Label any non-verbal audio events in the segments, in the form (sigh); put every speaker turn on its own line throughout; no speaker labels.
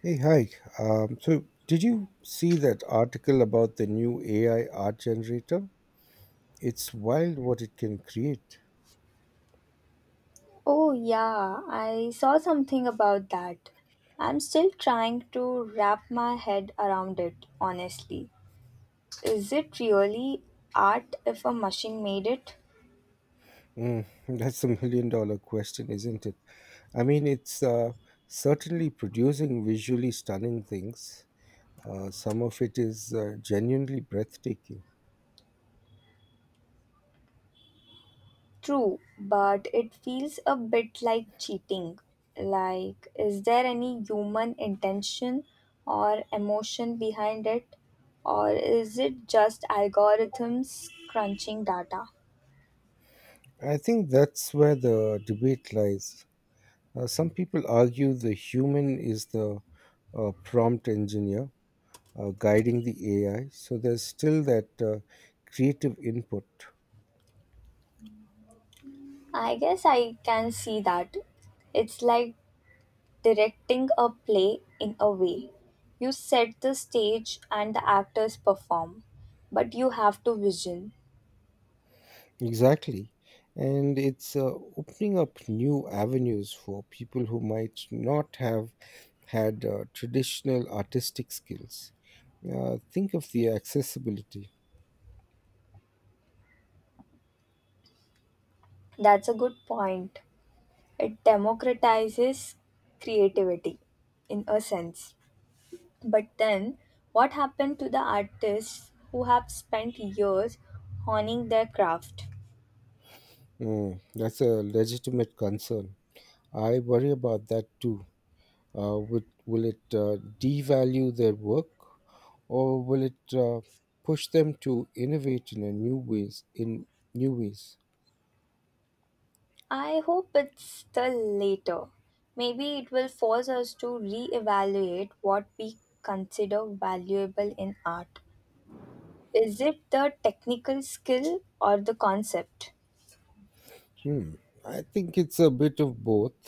Hey, hi. Did you see that article about the new AI art generator? It's wild what it can create.
Oh, yeah, I saw something about that. I'm still trying to wrap my head around it, honestly. Is it really art if a machine made it?
Mm, (laughs) that's a $1 million question, isn't it? I mean, it's certainly producing visually stunning things. Some of it is genuinely breathtaking.
True, but it feels a bit like cheating. Like, is there any human intention or emotion behind it? Or is it just algorithms crunching data?
I think that's where the debate lies. Some people argue the human is the prompt engineer, guiding the AI. So there's still that creative input.
I guess I can see that. It's like directing a play in a way. You set the stage and the actors perform, but you have to vision.
Exactly. And it's opening up new avenues for people who might not have had traditional artistic skills. Think of the accessibility.
That's a good point. It democratizes creativity in a sense. But then, what happened to the artists who have spent years honing their craft?
Mm, that's a legitimate concern. I worry about that too. Will it devalue their work? Or will it push them to innovate in a new ways in new ways.
I hope it's the later. Maybe it will force us to reevaluate what we consider valuable in art. Is it the technical skill or the concept?
Hmm. I think it's a bit of both.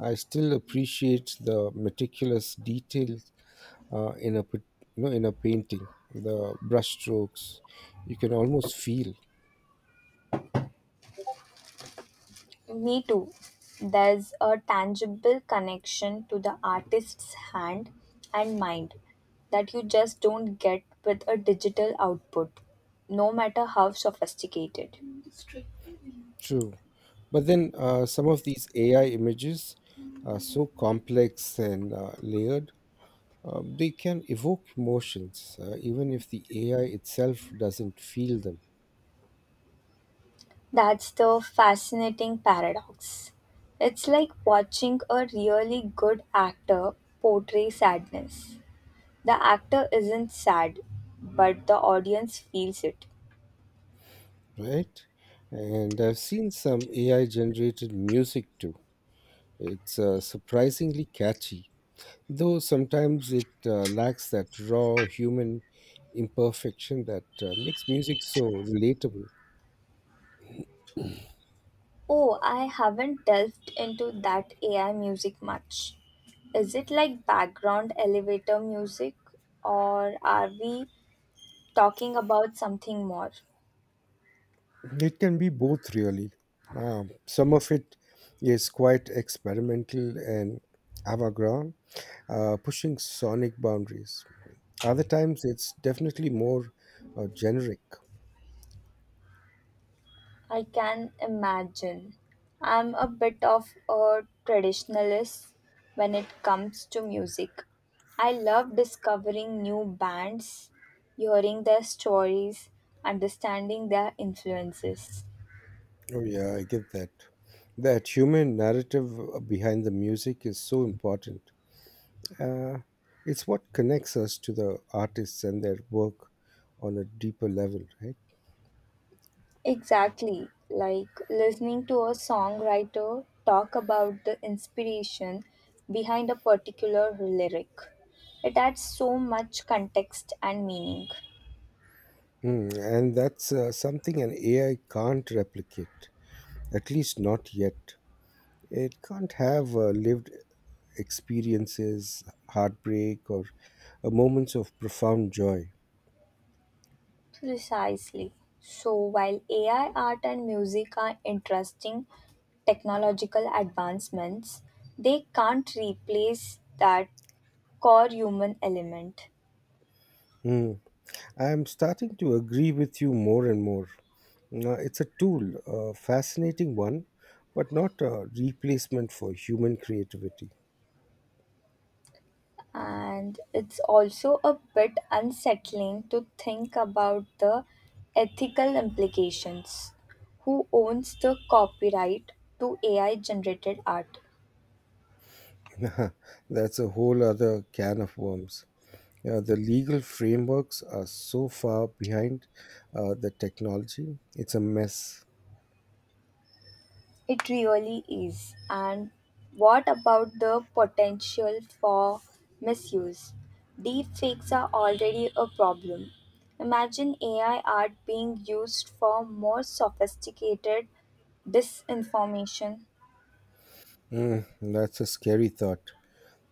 I still appreciate the meticulous details uh, in a pat- in a painting, the brush strokes you can almost feel.
Me too. There's a tangible connection to the artist's hand and mind that you just don't get with a digital output, no matter how sophisticated.
True, but then some of these AI images are so complex and layered, they can evoke emotions even if the AI itself doesn't feel them,
That's the fascinating paradox. It's like watching a really good actor portray sadness. The actor isn't sad, but the audience feels it.
right? And I've seen some AI generated music too. It's surprisingly catchy, though sometimes it lacks that raw human imperfection that makes music so relatable.
Oh, I haven't delved into that AI music much. Is it like background elevator music, or are we talking about something more?
It can be both, really. Some of it is quite experimental and avant-garde, pushing sonic boundaries. Other times, it's definitely more generic.
I can imagine. I'm a bit of a traditionalist when it comes to music. I love discovering new bands, hearing their stories, understanding their influences.
Oh, yeah, I get that. That human narrative behind the music is so important. Uh, it's what connects us to the artists and their work on a deeper level, right?
Exactly, like listening to a songwriter talk about the inspiration behind a particular lyric. It adds so much context and meaning.
Mm, and that's something an AI can't replicate, at least not yet. It can't have lived experiences, heartbreak, or moments of profound joy.
Precisely. So, while AI art and music are interesting technological advancements, they can't replace that core human element.
Mm. I'm starting to agree with you more and more. It's a tool, a fascinating one, but not a replacement for human creativity.
And it's also a bit unsettling to think about the ethical implications. Who owns the copyright to AI generated art?
(laughs) That's a whole other can of worms. Yeah, the legal frameworks are so far behind the technology, it's a mess.
It really is. And what about the potential for misuse? Deepfakes are already a problem. Imagine AI art being used for more sophisticated disinformation.
Mm, that's a scary thought.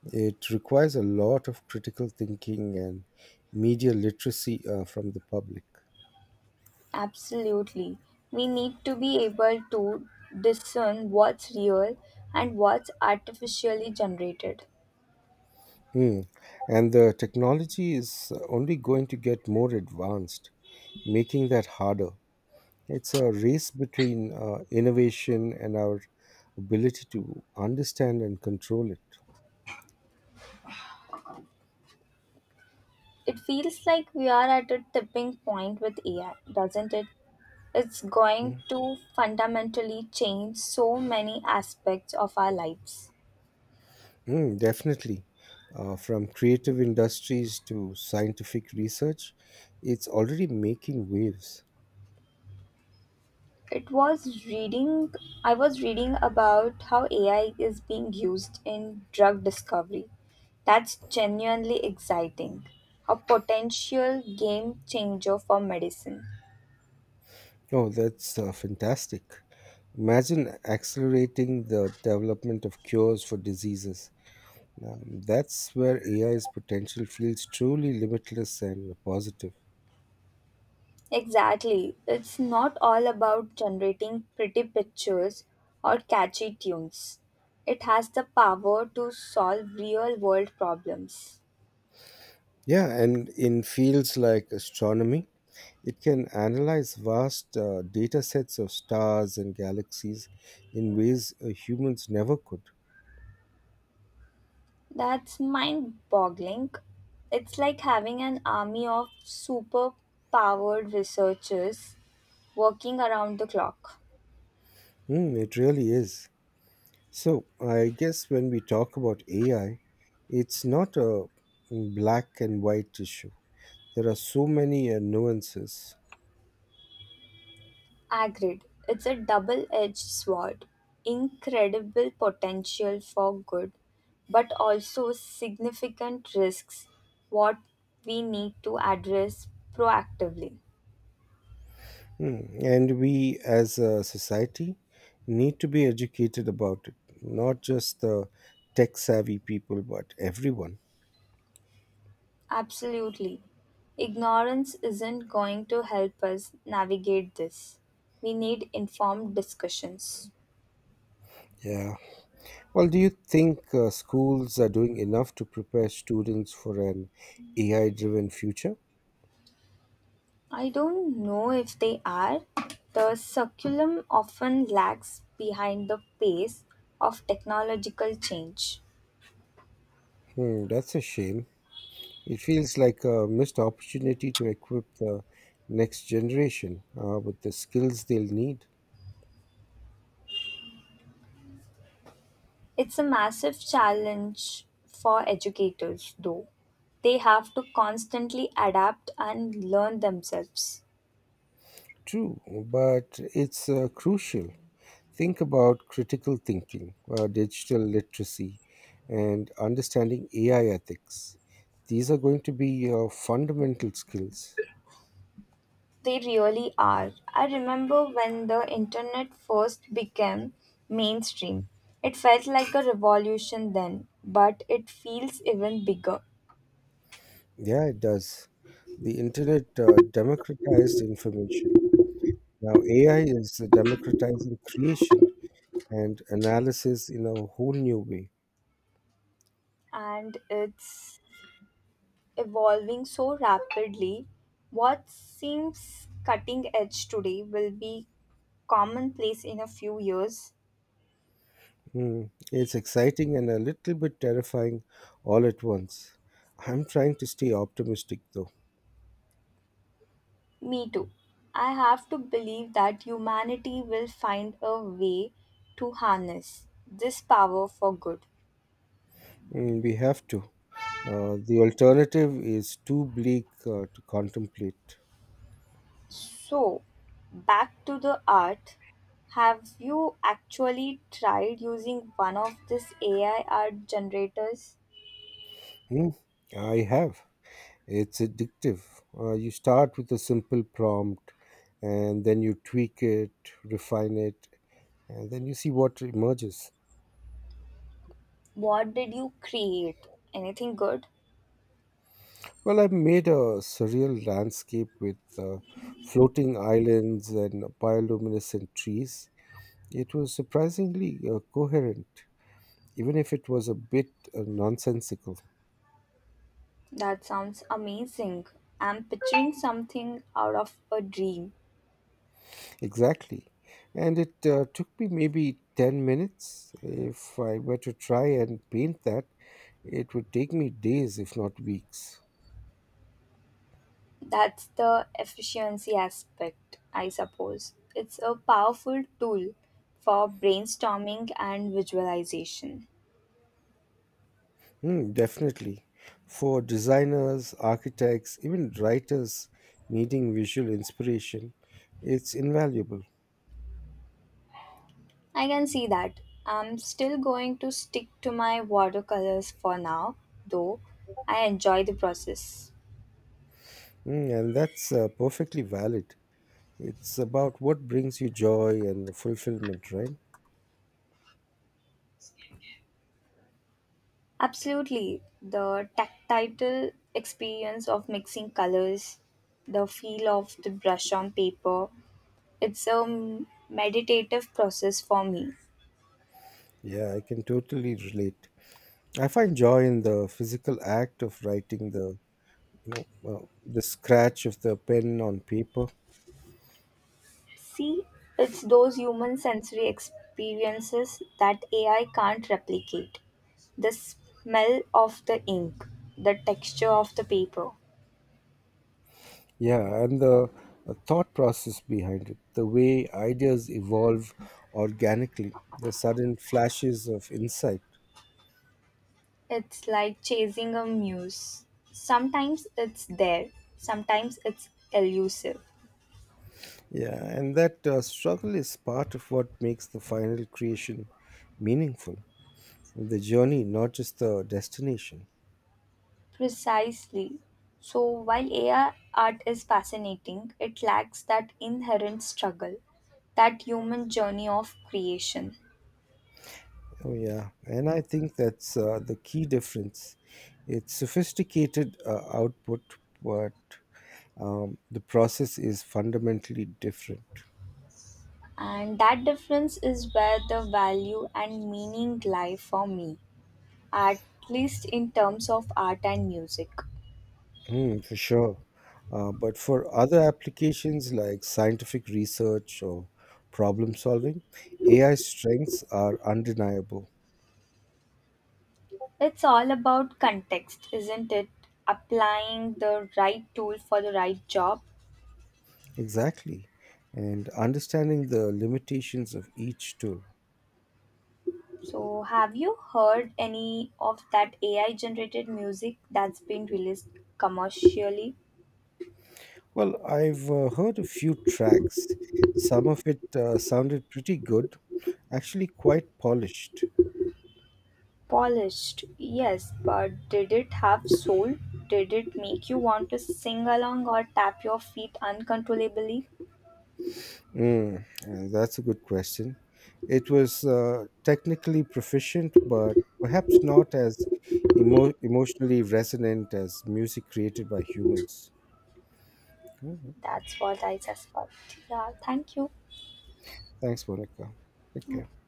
It requires a lot of critical thinking and media literacy from the public.
Absolutely. We need to be able to discern what's real and what's artificially generated.
Hmm. And the technology is only going to get more advanced, making that harder. It's a race between innovation and our ability to understand and control it.
It feels like we are at a tipping point with AI, doesn't it? It's going
Mm,
to fundamentally change so many aspects of our lives.
Definitely. From creative industries to scientific research, it's already making waves.
It was reading, I was reading about how AI is being used in drug discovery. That's genuinely exciting. A potential game changer for medicine.
Oh, that's fantastic. Imagine accelerating the development of cures for diseases. That's where AI's potential feels truly limitless and positive.
Exactly. It's not all about generating pretty pictures or catchy tunes. It has the power to solve real world problems.
Yeah, and in fields like astronomy, it can analyze vast data sets of stars and galaxies in ways humans never could.
That's mind boggling. It's like having an army of super powered researchers working around the clock.
Hmm, it really is. So, I guess when we talk about AI, it's not a black and white issue. There are so many nuances.
Agreed. It's a double edged sword. Incredible potential for good, but also significant risks, what we need to address proactively.
Mm, and we as a society need to be educated about it, not just the tech savvy people, but everyone.
Absolutely. Ignorance isn't going to help us navigate this. We need informed discussions.
Yeah. Well, do you think schools are doing enough to prepare students for an AI driven future?
I don't know if they are. The succulum often lags behind the pace of technological change.
Hmm, that's a shame. It feels like a missed opportunity to equip the next generation with the skills they'll need.
It's a massive challenge for educators, though. They have to constantly adapt and learn themselves.
True, but it's crucial. Think about critical thinking, digital literacy, and understanding AI ethics. These are going to be your fundamental skills.
They really are. I remember when the internet first became mainstream. It felt like a revolution then, but it feels even bigger.
Yeah, it does. The internet democratized information. Now, AI is democratizing creation and analysis in a whole new way.
And it's evolving so rapidly, what seems cutting edge today will be commonplace in a few years.
Mm, it's exciting and a little bit terrifying all at once. I'm trying to stay optimistic, though.
Me too. I have to believe that humanity will find a way to harness this power for good.
Mm, we have to. The alternative is too bleak to contemplate.
So, back to the art. Have you actually tried using one of this AI art generators?
Hmm, I have. It's addictive. You start with a simple prompt and then you tweak it, refine it, and then you see what emerges.
What did you create? Anything good?
Well, I've made a surreal landscape with floating islands and bioluminescent trees. It was surprisingly coherent, even if it was a bit nonsensical.
That sounds amazing. I'm picturing something out of a dream.
Exactly. And it took me maybe 10 minutes. If I were to try and paint that, it would take me days, if not weeks.
That's the efficiency aspect, I suppose. It's a powerful tool for brainstorming and visualization.
Hmm, definitely. For designers, architects, even writers needing visual inspiration, it's invaluable.
I can see that. I'm still going to stick to my watercolors for now, though I enjoy the process.
Hmm, and that's perfectly valid. It's about what brings you joy and fulfillment, right?
Absolutely, the tactile experience of mixing colors, the feel of the brush on paper, it's a meditative process for me.
Yeah, I can totally relate. I find joy in the physical act of writing, the you know the scratch of the pen on paper.
See, it's those human sensory experiences that AI can't replicate. The smell of the ink, the texture of the paper.
Yeah, and the thought process behind it, the way ideas evolve organically, the sudden flashes of insight.
It's like chasing a muse. Sometimes it's there, sometimes it's elusive.
Yeah, and that struggle is part of what makes the final creation meaningful, the journey, not just the destination.
Precisely. So while AI art is fascinating, it lacks that inherent struggle, that human journey of creation.
Oh yeah, and I think that's the key difference. It's sophisticated output, but the process is fundamentally different.
And that difference is where the value and meaning lie for me, at least in terms of art and music.
Mm, for sure. But for other applications like scientific research or problem solving, AI strengths are undeniable.
It's all about context, isn't it? Applying the right tool for the right job.
Exactly. And understanding the limitations of each tool.
So have you heard any of that AI generated music that's been released commercially?
Well, I've heard a few tracks. Some of it sounded pretty good, actually quite polished.
Polished, yes, but did it have soul? Did it make you want to sing along or tap your feet uncontrollably?
That's a good question. It was technically proficient, but perhaps not as emotionally resonant as music created by humans. All right.
That's what I suspect. Yeah, thank you.
Thanks, Monica. Take care.